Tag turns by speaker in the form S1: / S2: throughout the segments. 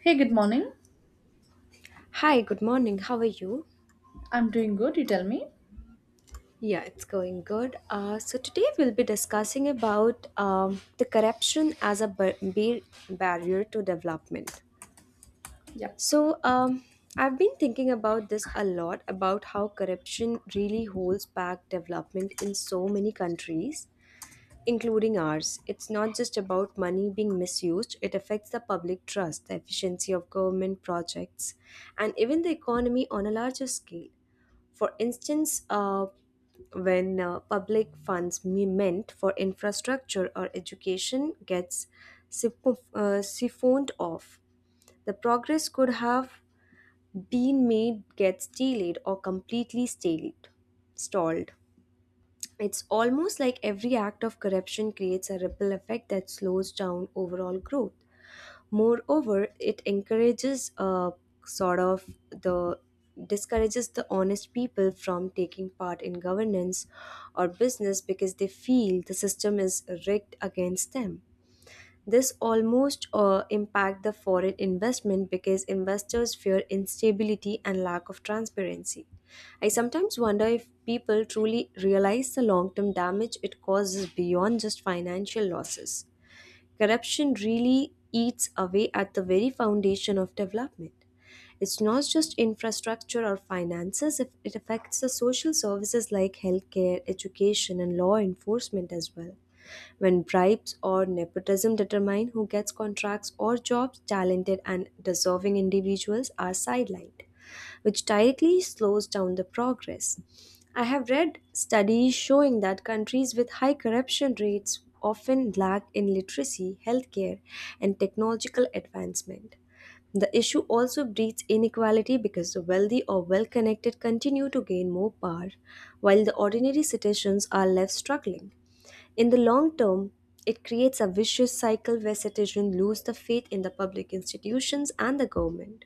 S1: Hey, good morning.
S2: Hi, good morning. How are you?
S1: I'm doing good. You tell me.
S2: Yeah, it's going good. So today we'll be discussing about the corruption as a barrier to development.
S1: Yeah.
S2: So, I've been thinking about this a lot about how corruption really holds back development in so many countries, including ours. It's not just about money being misused; it affects the public trust, the efficiency of government projects, and even the economy on a larger scale. For instance, when public funds meant for infrastructure or education gets siphoned off, the progress could have been made gets delayed or completely stalled. stalled. It's almost like every act of corruption creates a ripple effect that slows down overall growth. Moreover, it encourages sort of the discourages the honest people from taking part in governance or business because they feel the system is rigged against them. This almost impact the foreign investment because investors fear instability and lack of transparency. I sometimes wonder if people truly realize the long term damage it causes beyond just financial losses. Corruption really eats away at the very foundation of development. It's not just infrastructure or finances, if it affects the social services like healthcare, education, and law enforcement as well. When bribes or nepotism determine who gets contracts or jobs, talented and deserving individuals are sidelined, which directly slows down the progress. I have read studies showing that countries with high corruption rates often lack in literacy, healthcare, and technological advancement. The issue also breeds inequality because the wealthy or well connected continue to gain more power, while the ordinary citizens are left struggling. In the long term, it creates a vicious cycle where citizens lose the faith in the public institutions and the government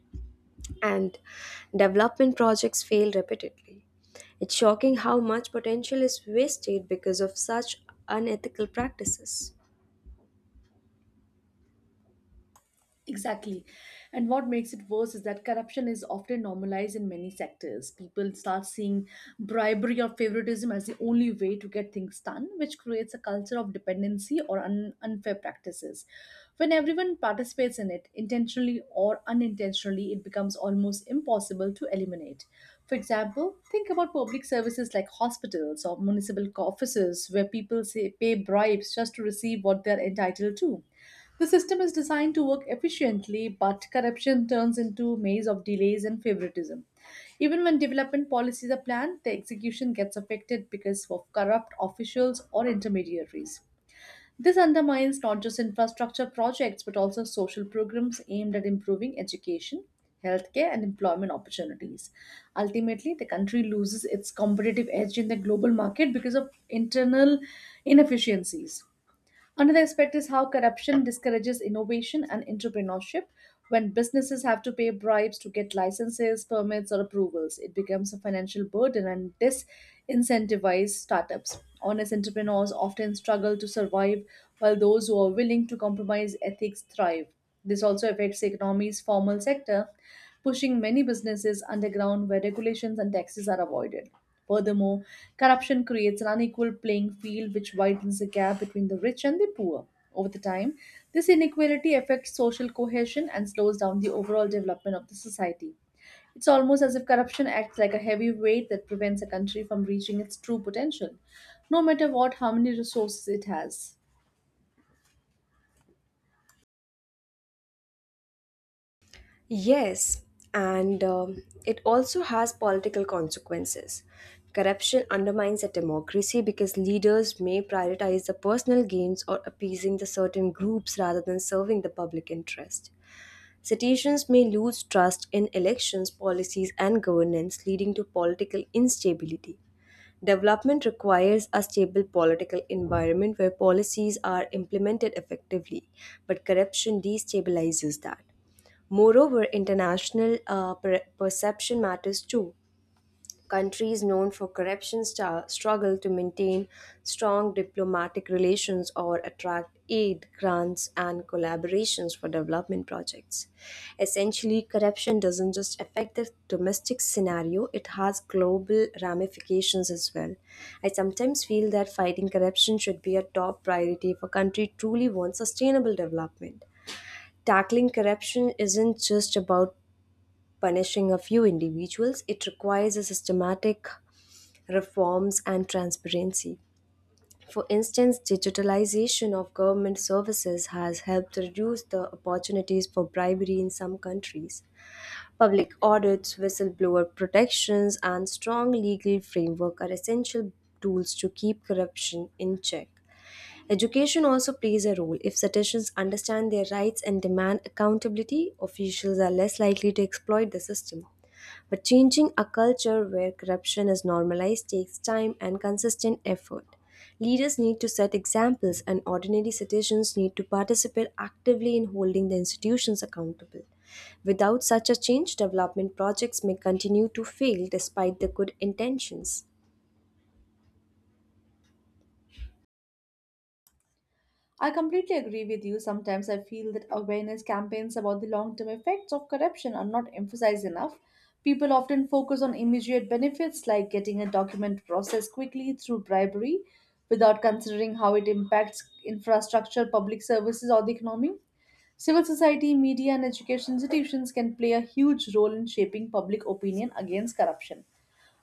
S2: and development projects fail repeatedly. It's shocking how much potential is wasted because of such unethical practices.
S1: Exactly. And what makes it worse is that corruption is often normalized in many sectors. People start seeing bribery or favoritism as the only way to get things done, which creates a culture of dependency or unfair practices. When everyone participates in it, intentionally or unintentionally, it becomes almost impossible to eliminate. For example, think about public services like hospitals or municipal offices where people say pay bribes just to receive what they're entitled to. The system is designed to work efficiently, but corruption turns into a maze of delays and favoritism. Even when development policies are planned, the execution gets affected because of corrupt officials or intermediaries. This undermines not just infrastructure projects but also social programs aimed at improving education, healthcare, and employment opportunities. Ultimately, the country loses its competitive edge in the global market because of internal inefficiencies. Another aspect is how corruption discourages innovation and entrepreneurship. When businesses have to pay bribes to get licenses, permits, or approvals, it becomes a financial burden and disincentivizes startups. Honest entrepreneurs often struggle to survive, while those who are willing to compromise ethics thrive. This also affects the economy's formal sector, pushing many businesses underground where regulations and taxes are avoided. Furthermore, corruption creates an unequal playing field which widens the gap between the rich and the poor. Over the time, this inequality affects social cohesion and slows down the overall development of the society. It's almost as if corruption acts like a heavy weight that prevents a country from reaching its true potential, no matter what how many resources it has.
S2: Yes, and it also has political consequences. Corruption undermines a democracy because leaders may prioritize the personal gains or appeasing the certain groups rather than serving the public interest. Citizens may lose trust in elections, policies, and governance, leading to political instability. Development requires a stable political environment where policies are implemented effectively, but corruption destabilizes that. Moreover, international perception matters too. Countries known for corruption struggle to maintain strong diplomatic relations or attract aid, grants, and collaborations for development projects. Essentially, corruption doesn't just affect the domestic scenario, it has global ramifications as well. I sometimes feel that fighting corruption should be a top priority if a country truly wants sustainable development. Tackling corruption isn't just about punishing a few individuals, it requires a systematic reforms and transparency. For instance, digitalization of government services has helped reduce the opportunities for bribery in some countries. Public audits, whistleblower protections, and strong legal framework are essential tools to keep corruption in check. Education also plays a role. If citizens understand their rights and demand accountability, officials are less likely to exploit the system. But changing a culture where corruption is normalized takes time and consistent effort. Leaders need to set examples, and ordinary citizens need to participate actively in holding the institutions accountable. Without such a change, development projects may continue to fail despite the good intentions.
S1: I completely agree with you. Sometimes I feel that awareness campaigns about the long term effects of corruption are not emphasized enough. People often focus on immediate benefits like getting a document processed quickly through bribery without considering how it impacts infrastructure, public services, or the economy. Civil society, media, and education institutions can play a huge role in shaping public opinion against corruption.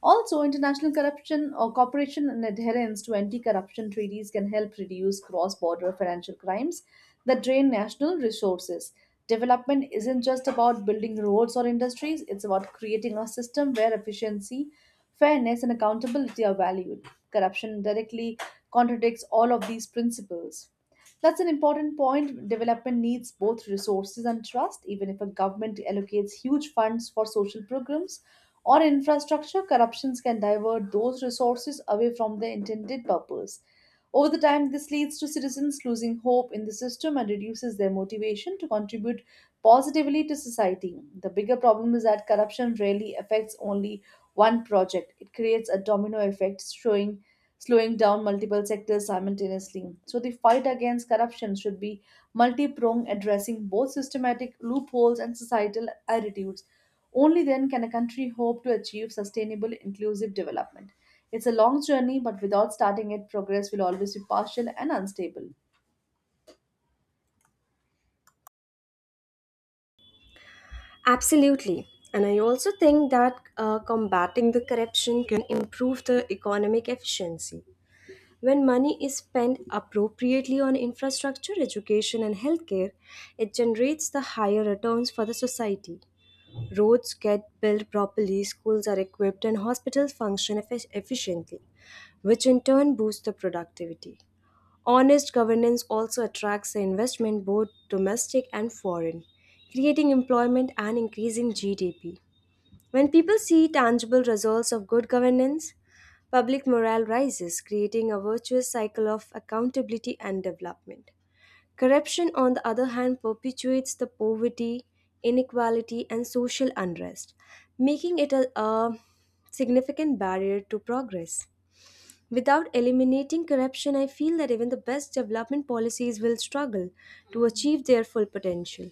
S1: Also, international corruption or cooperation and adherence to anti-corruption treaties can help reduce cross-border financial crimes that drain national resources. Development isn't just about building roads or industries, it's about creating a system where efficiency, fairness, and accountability are valued. Corruption directly contradicts all of these principles. That's an important point. Development needs both resources and trust. Even if a government allocates huge funds for social programs or infrastructure, corruptions can divert those resources away from their intended purpose. Over the time, this leads to citizens losing hope in the system and reduces their motivation to contribute positively to society. The bigger problem is that corruption rarely affects only one project, it creates a domino effect, showing slowing down multiple sectors simultaneously. So the fight against corruption should be multi-pronged, addressing both systematic loopholes and societal attitudes. Only then can a country hope to achieve sustainable inclusive development. It's a long journey, but without starting it, progress will always be partial and unstable.
S2: Absolutely. And I also think that combating the corruption can improve the economic efficiency. When money is spent appropriately on infrastructure, education, and healthcare, it generates the higher returns for the society. Roads get built properly, schools are equipped, and hospitals function efficiently, which in turn boosts the productivity. Honest governance also attracts the investment, both domestic and foreign, creating employment and increasing GDP. When people see tangible results of good governance, public morale rises, creating a virtuous cycle of accountability and development. Corruption, on the other hand, perpetuates the poverty, inequality, and social unrest, making it a significant barrier to progress. Without eliminating corruption, I feel that even the best development policies will struggle to achieve their full potential.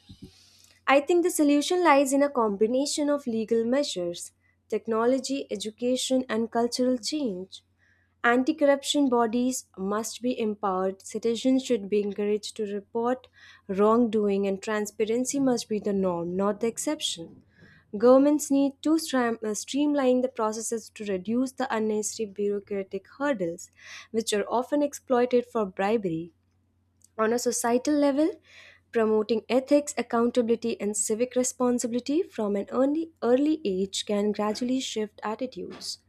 S2: I think the solution lies in a combination of legal measures, technology, education, and cultural change. Anti corruption bodies must be empowered, citizens should be encouraged to report wrongdoing, and transparency must be the norm, not the exception. Governments need to streamline the processes to reduce the unnecessary bureaucratic hurdles, which are often exploited for bribery. On a societal level, promoting ethics, accountability, and civic responsibility from an early age can gradually shift attitudes.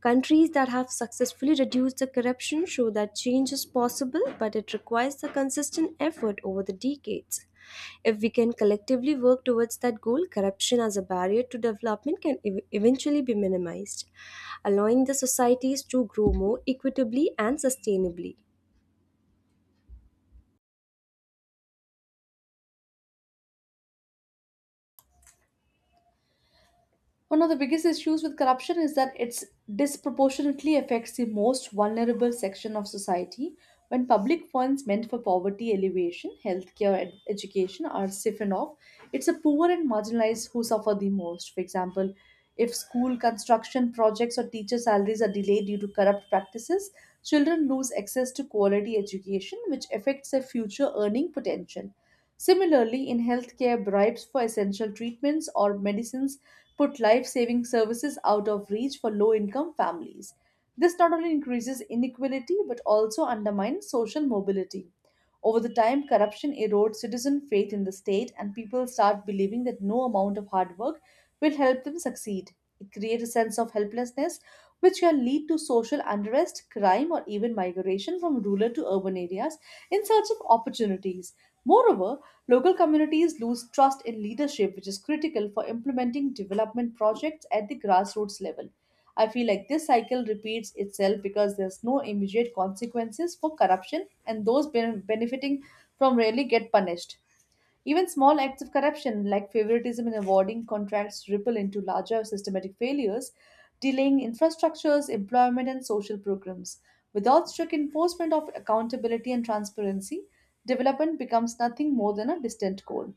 S2: Countries that have successfully reduced the corruption show that change is possible, but it requires the consistent effort over the decades. If we can collectively work towards that goal, corruption as a barrier to development can eventually be minimized, allowing the societies to grow more equitably and sustainably.
S1: One of the biggest issues with corruption is that it disproportionately affects the most vulnerable section of society when public funds meant for poverty alleviation, healthcare, education are siphoned off. It's the poor and marginalized who suffer the most. For example, if school construction projects or teacher salaries are delayed due to corrupt practices, children lose access to quality education, which affects their future earning potential. Similarly, in healthcare, bribes for essential treatments or medicines put life saving services out of reach for low income families. This not only increases inequality but also undermines social mobility. Over the time, corruption erodes citizen faith in the state, and people start believing that no amount of hard work will help them succeed. It creates a sense of helplessness, which can lead to social unrest, crime, or even migration from rural to urban areas in search of opportunities. Moreover, local communities lose trust in leadership, which is critical for implementing development projects at the grassroots level. I feel like this cycle repeats itself because there's no immediate consequences for corruption, and those benefiting from rarely get punished. Even small acts of corruption, like favoritism in awarding contracts, ripple into larger systematic failures, delaying infrastructures, employment, and social programs. Without strict enforcement of accountability and transparency, development becomes nothing more than a distant goal.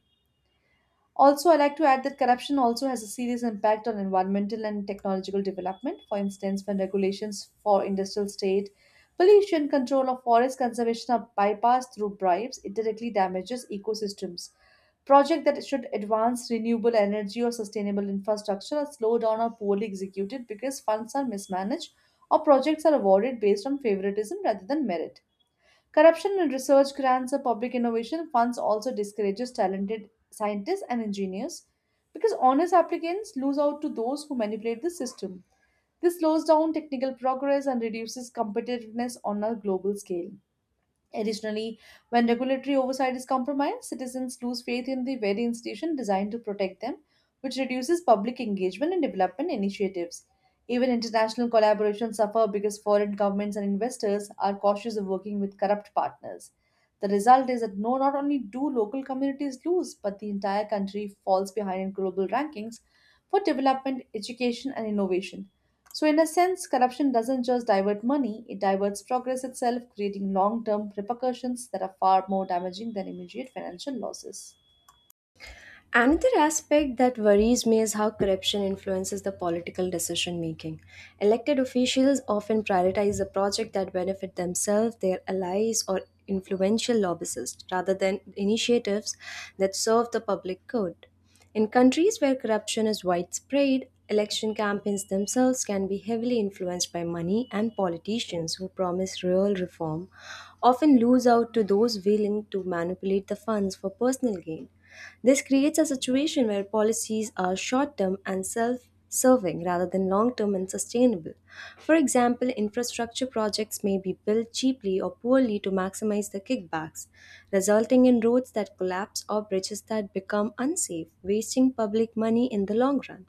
S1: Also, I like to add that corruption also has a serious impact on environmental and technological development. For instance, when regulations for industrial state pollution control or forest conservation are bypassed through bribes, it directly damages ecosystems. Projects that should advance renewable energy or sustainable infrastructure are slowed down or poorly executed because funds are mismanaged or projects are awarded based on favoritism rather than merit. Corruption in research grants or public innovation funds also discourages talented scientists and engineers because honest applicants lose out to those who manipulate the system. This slows down technical progress and reduces competitiveness on a global scale. Additionally, when regulatory oversight is compromised, citizens lose faith in the very institution designed to protect them, which reduces public engagement and development initiatives. Even international collaborations suffer because foreign governments and investors are cautious of working with corrupt partners. The result is that no, not only do local communities lose, but the entire country falls behind in global rankings for development, education, and innovation. So, in a sense, corruption doesn't just divert money, it diverts progress itself, creating long term repercussions that are far more damaging than immediate financial losses.
S2: Another aspect that worries me is how corruption influences the political decision making. Elected officials often prioritize the project that benefit themselves, their allies, or influential lobbyists rather than initiatives that serve the public good. In countries where corruption is widespread, election campaigns themselves can be heavily influenced by money, and politicians who promise real reform often lose out to those willing to manipulate the funds for personal gain. This creates a situation where policies are short term and self serving rather than long term and sustainable. For example, infrastructure projects may be built cheaply or poorly to maximize the kickbacks, resulting in roads that collapse or bridges that become unsafe, wasting public money in the long run.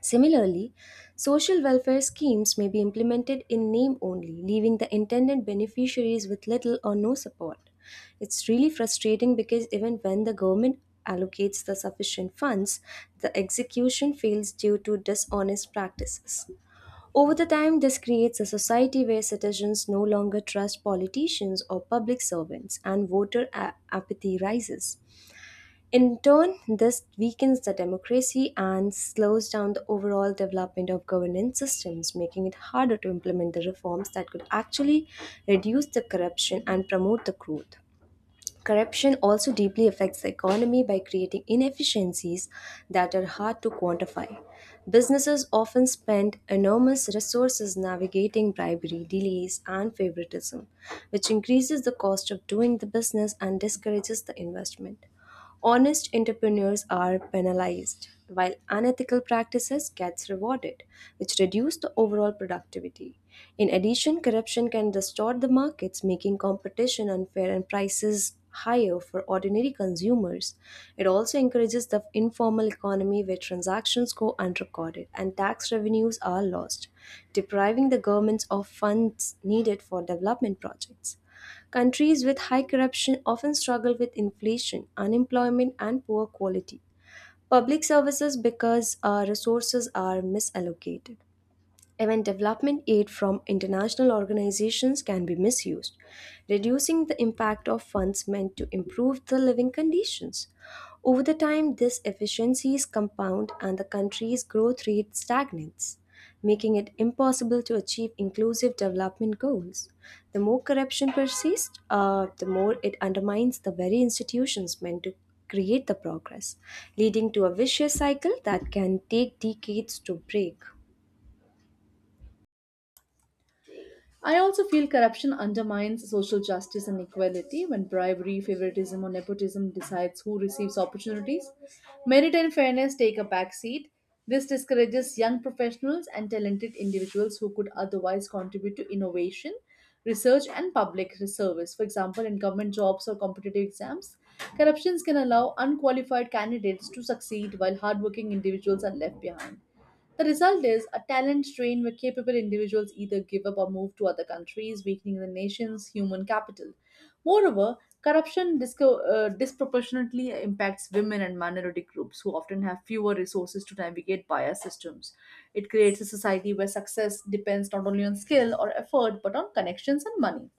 S2: Similarly, social welfare schemes may be implemented in name only, leaving the intended beneficiaries with little or no support. It's really frustrating because even when the government allocates the sufficient funds, the execution fails due to dishonest practices. Over the time, this creates a society where citizens no longer trust politicians or public servants, and voter apathy rises. In turn, this weakens the democracy and slows down the overall development of governance systems, making it harder to implement the reforms that could actually reduce the corruption and promote the growth. Corruption also deeply affects the economy by creating inefficiencies that are hard to quantify. Businesses often spend enormous resources navigating bribery, delays, and favoritism, which increases the cost of doing the business and discourages the investment. Honest entrepreneurs are penalized, while unethical practices gets rewarded, which reduce the overall productivity. In addition, corruption can distort the markets, making competition unfair and prices higher for ordinary consumers. It also encourages the informal economy where transactions go unrecorded and tax revenues are lost, depriving the governments of funds needed for development projects. Countries with high corruption often struggle with inflation, unemployment, and poor quality public services because resources are misallocated. Even development aid from international organizations can be misused, reducing the impact of funds meant to improve the living conditions. Over the time, these efficiencies compound and the country's growth rate stagnates, making it impossible to achieve inclusive development goals. The more corruption persists, the more it undermines the very institutions meant to create the progress, leading to a vicious cycle that can take decades to break.
S1: I also feel corruption undermines social justice and equality when bribery, favoritism, or nepotism decides who receives opportunities. Merit and fairness take a backseat. This discourages young professionals and talented individuals who could otherwise contribute to innovation, research, and public service. For example, in government jobs or competitive exams, corruptions can allow unqualified candidates to succeed while hardworking individuals are left behind. The result is a talent strain where capable individuals either give up or move to other countries, weakening the nation's human capital. Moreover, corruption disproportionately impacts women and minority groups who often have fewer resources to navigate bias systems. It creates a society where success depends not only on skill or effort but on connections and money.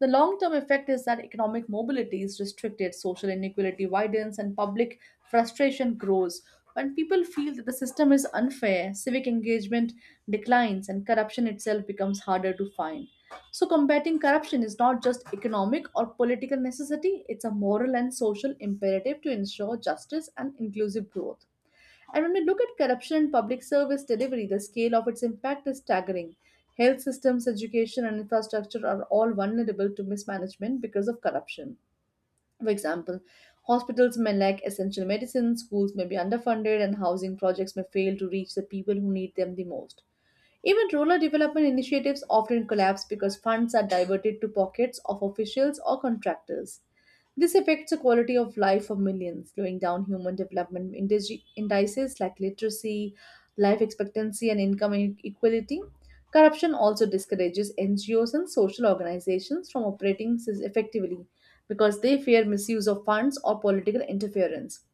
S1: The long term effect is that economic mobility is restricted, social inequality widens, and public frustration grows. When people feel that the system is unfair, civic engagement declines and corruption itself becomes harder to find. So, combating corruption is not just economic or political necessity, it's a moral and social imperative to ensure justice and inclusive growth. And when we look at corruption in public service delivery, the scale of its impact is staggering. Health systems, education, and infrastructure are all vulnerable to mismanagement because of corruption. For example, hospitals may lack essential medicines, schools may be underfunded, and housing projects may fail to reach the people who need them the most. Even rural development initiatives often collapse because funds are diverted to pockets of officials or contractors. This affects the quality of life for millions, slowing down human development indices like literacy, life expectancy, and income inequality. Corruption also discourages NGOs and social organizations from operating effectively because they fear misuse of funds or political interference.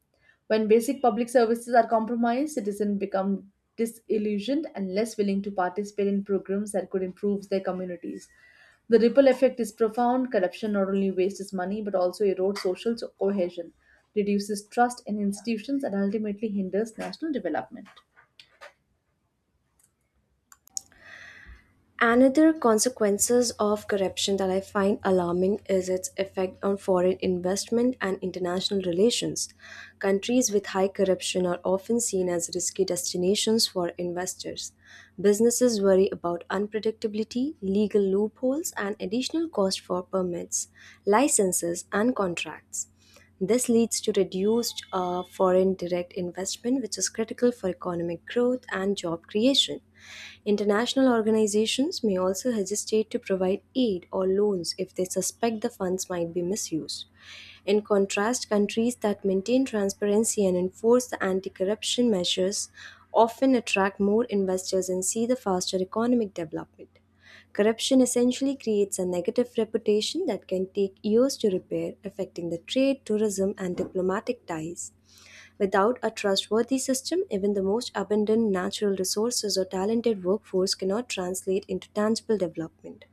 S1: When basic public services are compromised, citizens become disillusioned and less willing to participate in programs that could improve their communities. The ripple effect is profound. Corruption not only wastes money but also erodes social cohesion, reduces trust in institutions, and ultimately hinders national development.
S2: Another consequences of corruption that I find alarming is its effect on foreign investment and international relations. Countries with high corruption are often seen as risky destinations for investors. Businesses worry about unpredictability, legal loopholes, and additional cost for permits, licenses, and contracts. This leads to reduced foreign direct investment, which is critical for economic growth and job creation. International organizations may also hesitate to provide aid or loans if they suspect the funds might be misused. In contrast, countries that maintain transparency and enforce the anti corruption measures often attract more investors and see the faster economic development. Corruption essentially creates a negative reputation that can take years to repair, affecting the trade, tourism, and diplomatic ties. Without a trustworthy system, even the most abundant natural resources or talented workforce cannot translate into tangible development.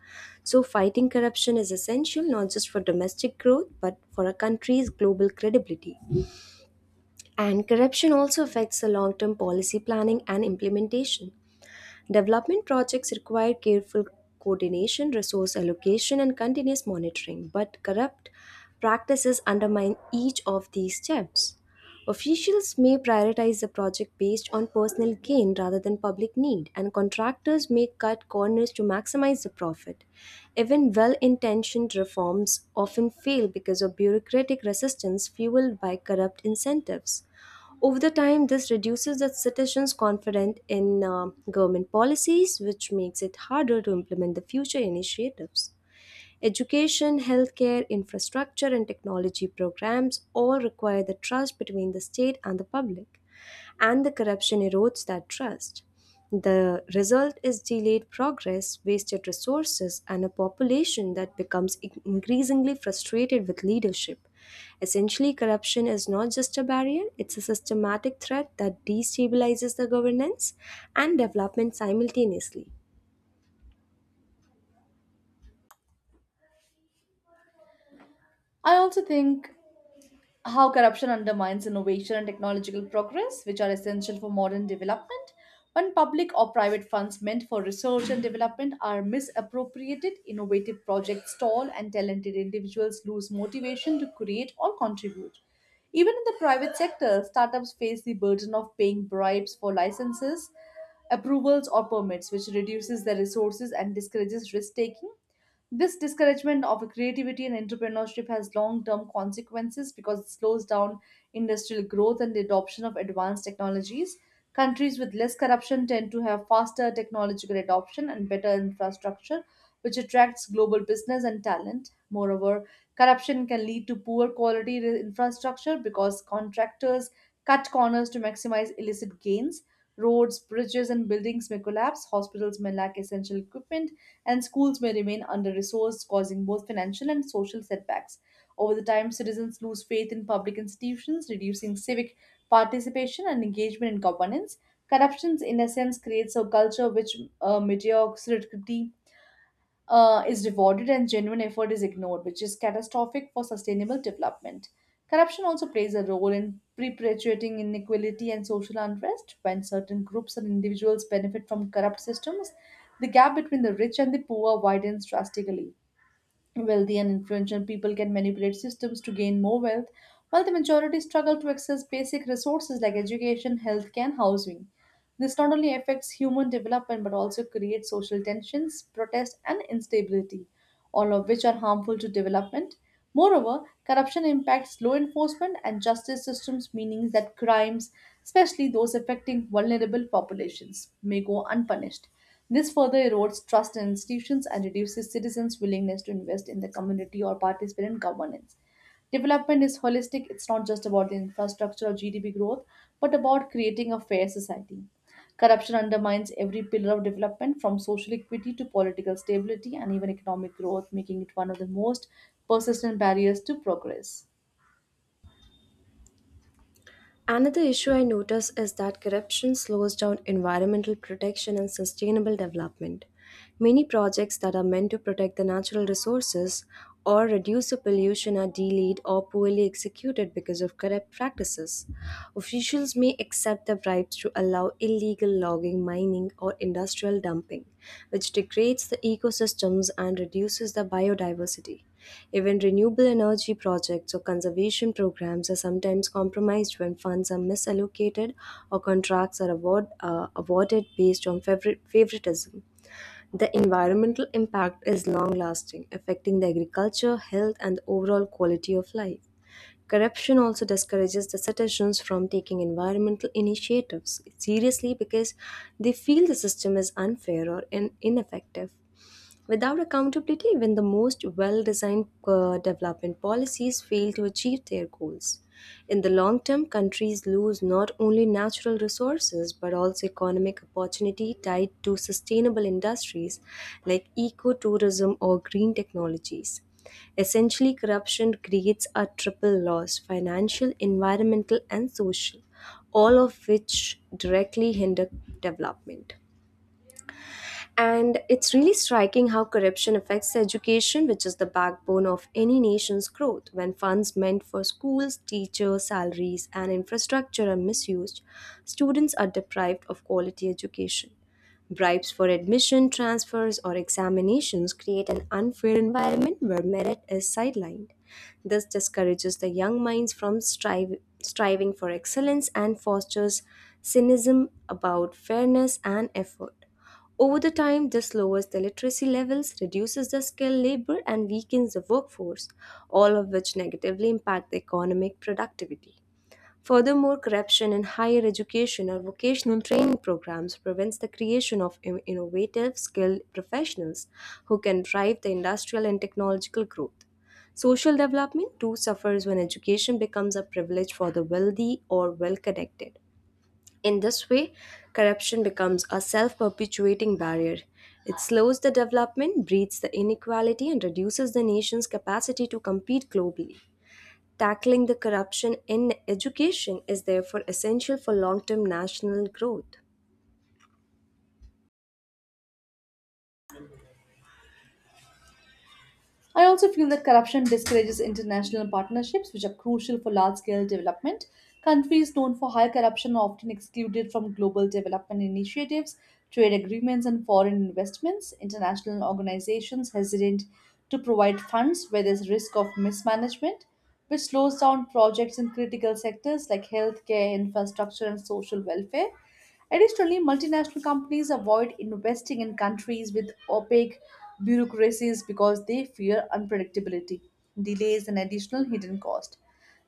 S2: So, fighting corruption is essential not just for domestic growth but for a country's global credibility. And corruption also affects the long term policy planning and implementation. Development projects require careful coordination, resource allocation, and continuous monitoring, but corrupt practices undermine each of these steps. Officials may prioritize the project based on personal gain rather than public need, and contractors may cut corners to maximize the profit. Even well intentioned reforms often fail because of bureaucratic resistance fueled by corrupt incentives. Over the time, this reduces the citizens' confidence in government policies, which makes it harder to implement the future initiatives. Education, healthcare, infrastructure, and technology programs all require the trust between the state and the public, and the corruption erodes that trust. The result is delayed progress, wasted resources, and a population that becomes increasingly frustrated with leadership. Essentially, corruption is not just a barrier, it's a systematic threat that destabilizes the governance and development simultaneously.
S1: I also think how corruption undermines innovation and technological progress, which are essential for modern development, when public or private funds meant for research and development are misappropriated, innovative projects stall, and talented individuals lose motivation to create or contribute. Even in the private sector, startups face the burden of paying bribes for licenses, approvals, or permits, which reduces their resources and discourages risk taking. This discouragement of creativity and entrepreneurship has long term consequences because it slows down industrial growth and the adoption of advanced technologies. Countries with less corruption tend to have faster technological adoption and better infrastructure, which attracts global business and talent. Moreover, corruption can lead to poor quality infrastructure because contractors cut corners to maximize illicit gains. Roads, bridges, and buildings may collapse, hospitals may lack essential equipment, and schools may remain under resourced, causing both financial and social setbacks. Over the time, citizens lose faith in public institutions, reducing civic participation and engagement in governance. Corruptions, in a sense, creates a culture which mediocrity is rewarded and genuine effort is ignored, which is catastrophic for sustainable development. Corruption also plays a role in perpetuating inequality and social unrest. When certain groups and individuals benefit from corrupt systems, the gap between the rich and the poor widens drastically. Wealthy and influential people can manipulate systems to gain more wealth, while the majority struggle to access basic resources like education, healthcare, and housing. This not only affects human development but also creates social tensions, protest, and instability all of which are harmful to development. Moreover, corruption impacts law enforcement and justice systems, meaning that crimes, especially those affecting vulnerable populations, may go unpunished. This further erodes trust in institutions and reduces citizens' willingness to invest in the community or participate in governance. Development is holistic, it's not just about the infrastructure or GDP growth, but about creating a fair society. Corruption undermines every pillar of development, from social equity to political stability and even economic growth, making it one of the most persistent barriers to progress.
S2: Another issue I notice is that corruption slows down environmental protection and sustainable development. Many projects that are meant to protect the natural resources or reduce the pollution are delayed or poorly executed because of corrupt practices. Officials may accept the bribes to allow illegal logging, mining, or industrial dumping, which degrades the ecosystems and reduces the biodiversity. Even renewable energy projects or conservation programs are sometimes compromised when funds are misallocated or contracts are awarded based on favoritism. The environmental impact is long lasting, affecting the agriculture, health, and the overall quality of life. Corruption also discourages the citizens from taking environmental initiatives seriously because they feel the system is unfair or ineffective. Without accountability, even the most well designed development policies fail to achieve their goals. In the long term, countries lose not only natural resources but also economic opportunity tied to sustainable industries like ecotourism or green technologies. Essentially, corruption creates a triple loss financial, environmental, and social, all of which directly hinder development. And it's really striking how corruption affects education, which is the backbone of any nation's growth. When funds meant for schools, teachers, salaries, and infrastructure are misused, students are deprived of quality education. Bribes for admission, transfers, or examinations create an unfair environment where merit is sidelined. This discourages the young minds from striving for excellence and fosters cynicism about fairness and effort. Over the time, this lowers the literacy levels, reduces the skilled labor, and weakens the workforce, all of which negatively impact the economic productivity. Furthermore, corruption in higher education or vocational training programs prevents the creation of innovative, skilled professionals who can drive the industrial and technological growth. Social development too suffers when education becomes a privilege for the wealthy or well connected. In this way, corruption becomes a self perpetuating barrier. It slows the development, breeds the inequality, and reduces the nation's capacity to compete globally. Tackling the corruption in education is therefore essential for long term national growth.
S1: I also feel that corruption discourages international partnerships, which are crucial for large scale development. Countries known for high corruption are often excluded from global development initiatives, trade agreements, and foreign investments. International organizations hesitate to provide funds where there's risk of mismanagement, which slows down projects in critical sectors like healthcare, infrastructure, and social welfare. Additionally, multinational companies avoid investing in countries with opaque bureaucracies because they fear unpredictability, delays, and additional hidden cost.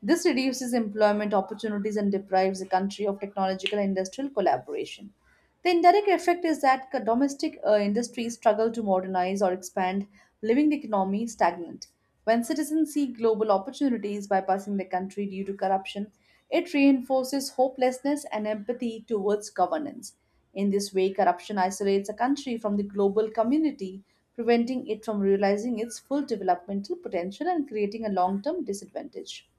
S1: This reduces employment opportunities and deprives the country of technological and industrial collaboration. The indirect effect is that domestic industries struggle to modernize or expand, leaving the economy stagnant. When citizens see global opportunities bypassing the country due to corruption, it reinforces hopelessness and empathy towards governance. In this way, corruption isolates a country from the global community, preventing it from realizing its full developmental potential and creating a long term disadvantage.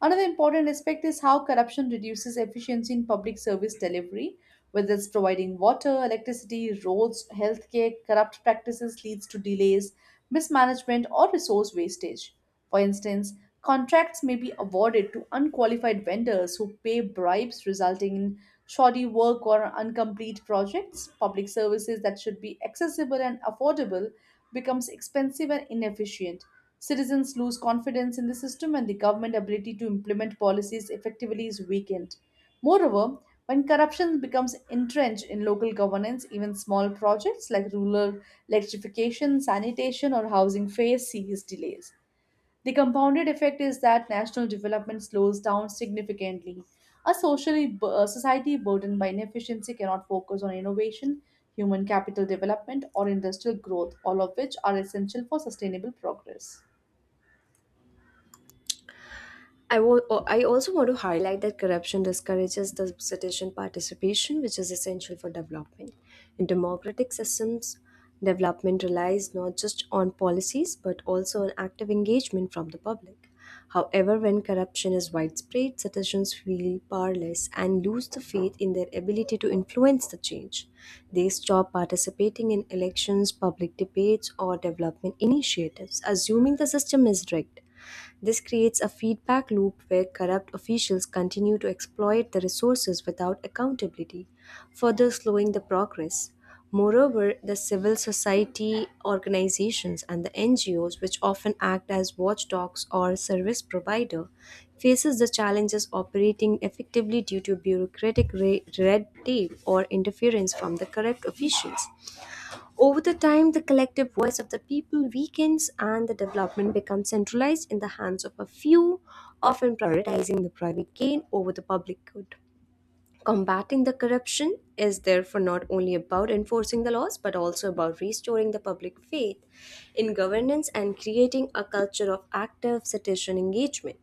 S1: Another important aspect is how corruption reduces efficiency in public service delivery, whether it's providing water, electricity, roads, healthcare. Corrupt practices leads to delays, mismanagement, or resource wastage. For instance, contracts may be awarded to unqualified vendors who pay bribes, resulting in shoddy work or incomplete projects. Public services that should be accessible and affordable becomes expensive and inefficient. Citizens lose confidence in the system and the government ability to implement policies effectively is weakened. Moreover, when corruption becomes entrenched in local governance, even small projects like rural electrification, sanitation, or housing face serious delays. The compounded effect is that national development slows down significantly. A society burdened by inefficiency cannot focus on innovation, human capital development, or industrial growth, all of which are essential for sustainable progress.
S2: I also want to highlight that corruption discourages the citizen participation, which is essential for development. In democratic systems, development relies not just on policies but also on active engagement from the public. However, when corruption is widespread, citizens feel powerless and lose the faith in their ability to influence the change. They stop participating in elections, public debates, or development initiatives, assuming the system is rigged. This creates a feedback loop where corrupt officials continue to exploit the resources without accountability, further slowing the progress. Moreover, the civil society organizations and the NGOs, which often act as watchdogs or service provider, faces the challenges operating effectively due to bureaucratic red tape or interference from the corrupt officials. Over the time, the collective voice of the people weakens and the development becomes centralized in the hands of a few, often prioritizing the private gain over the public good. Combating the corruption is therefore not only about enforcing the laws but also about restoring the public faith in governance and creating a culture of active citizen engagement.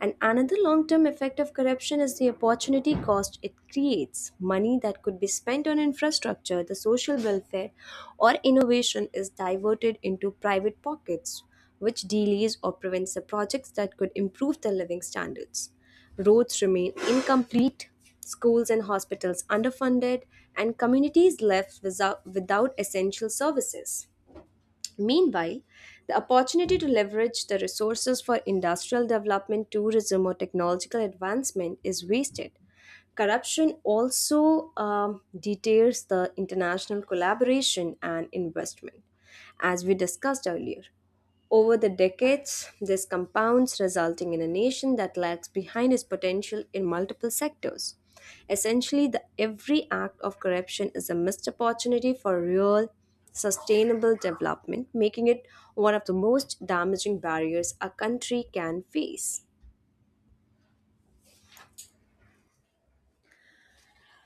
S2: And another long term effect of corruption is the opportunity cost it creates. Money that could be spent on infrastructure, the social welfare, or innovation is diverted into private pockets, which delays or prevents the projects that could improve the living standards. Roads remain incomplete, schools and hospitals underfunded, and communities left without essential services. Meanwhile, the opportunity to leverage the resources for industrial development, tourism, or technological advancement is wasted. Corruption also deters the international collaboration and investment, as we discussed earlier. Over the decades, this compounds, resulting in a nation that lags behind its potential in multiple sectors. Essentially, every act of corruption is a missed opportunity for real, sustainable development, making it one of the most damaging barriers a country can face.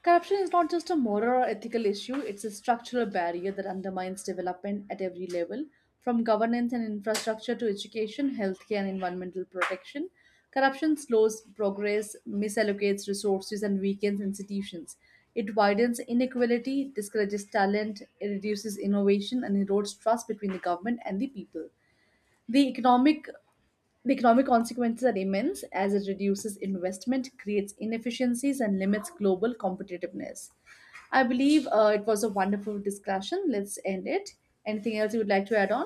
S1: Corruption is not just a moral or ethical issue, it's a structural barrier that undermines development at every level, from governance and infrastructure to education, healthcare, and environmental protection. Corruption slows progress, misallocates resources, and weakens institutions. It widens inequality, discourages talent, it reduces innovation, and erodes trust between the government and the people. The economic the economic consequences are immense as it reduces investment, creates inefficiencies, and limits global competitiveness. I believe it was a wonderful discussion. Let's end it. Anything else you would like to add on?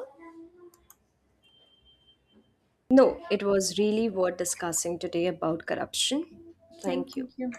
S2: No, it was really worth discussing today about corruption.
S1: Okay,
S2: Thank you.
S1: thank you.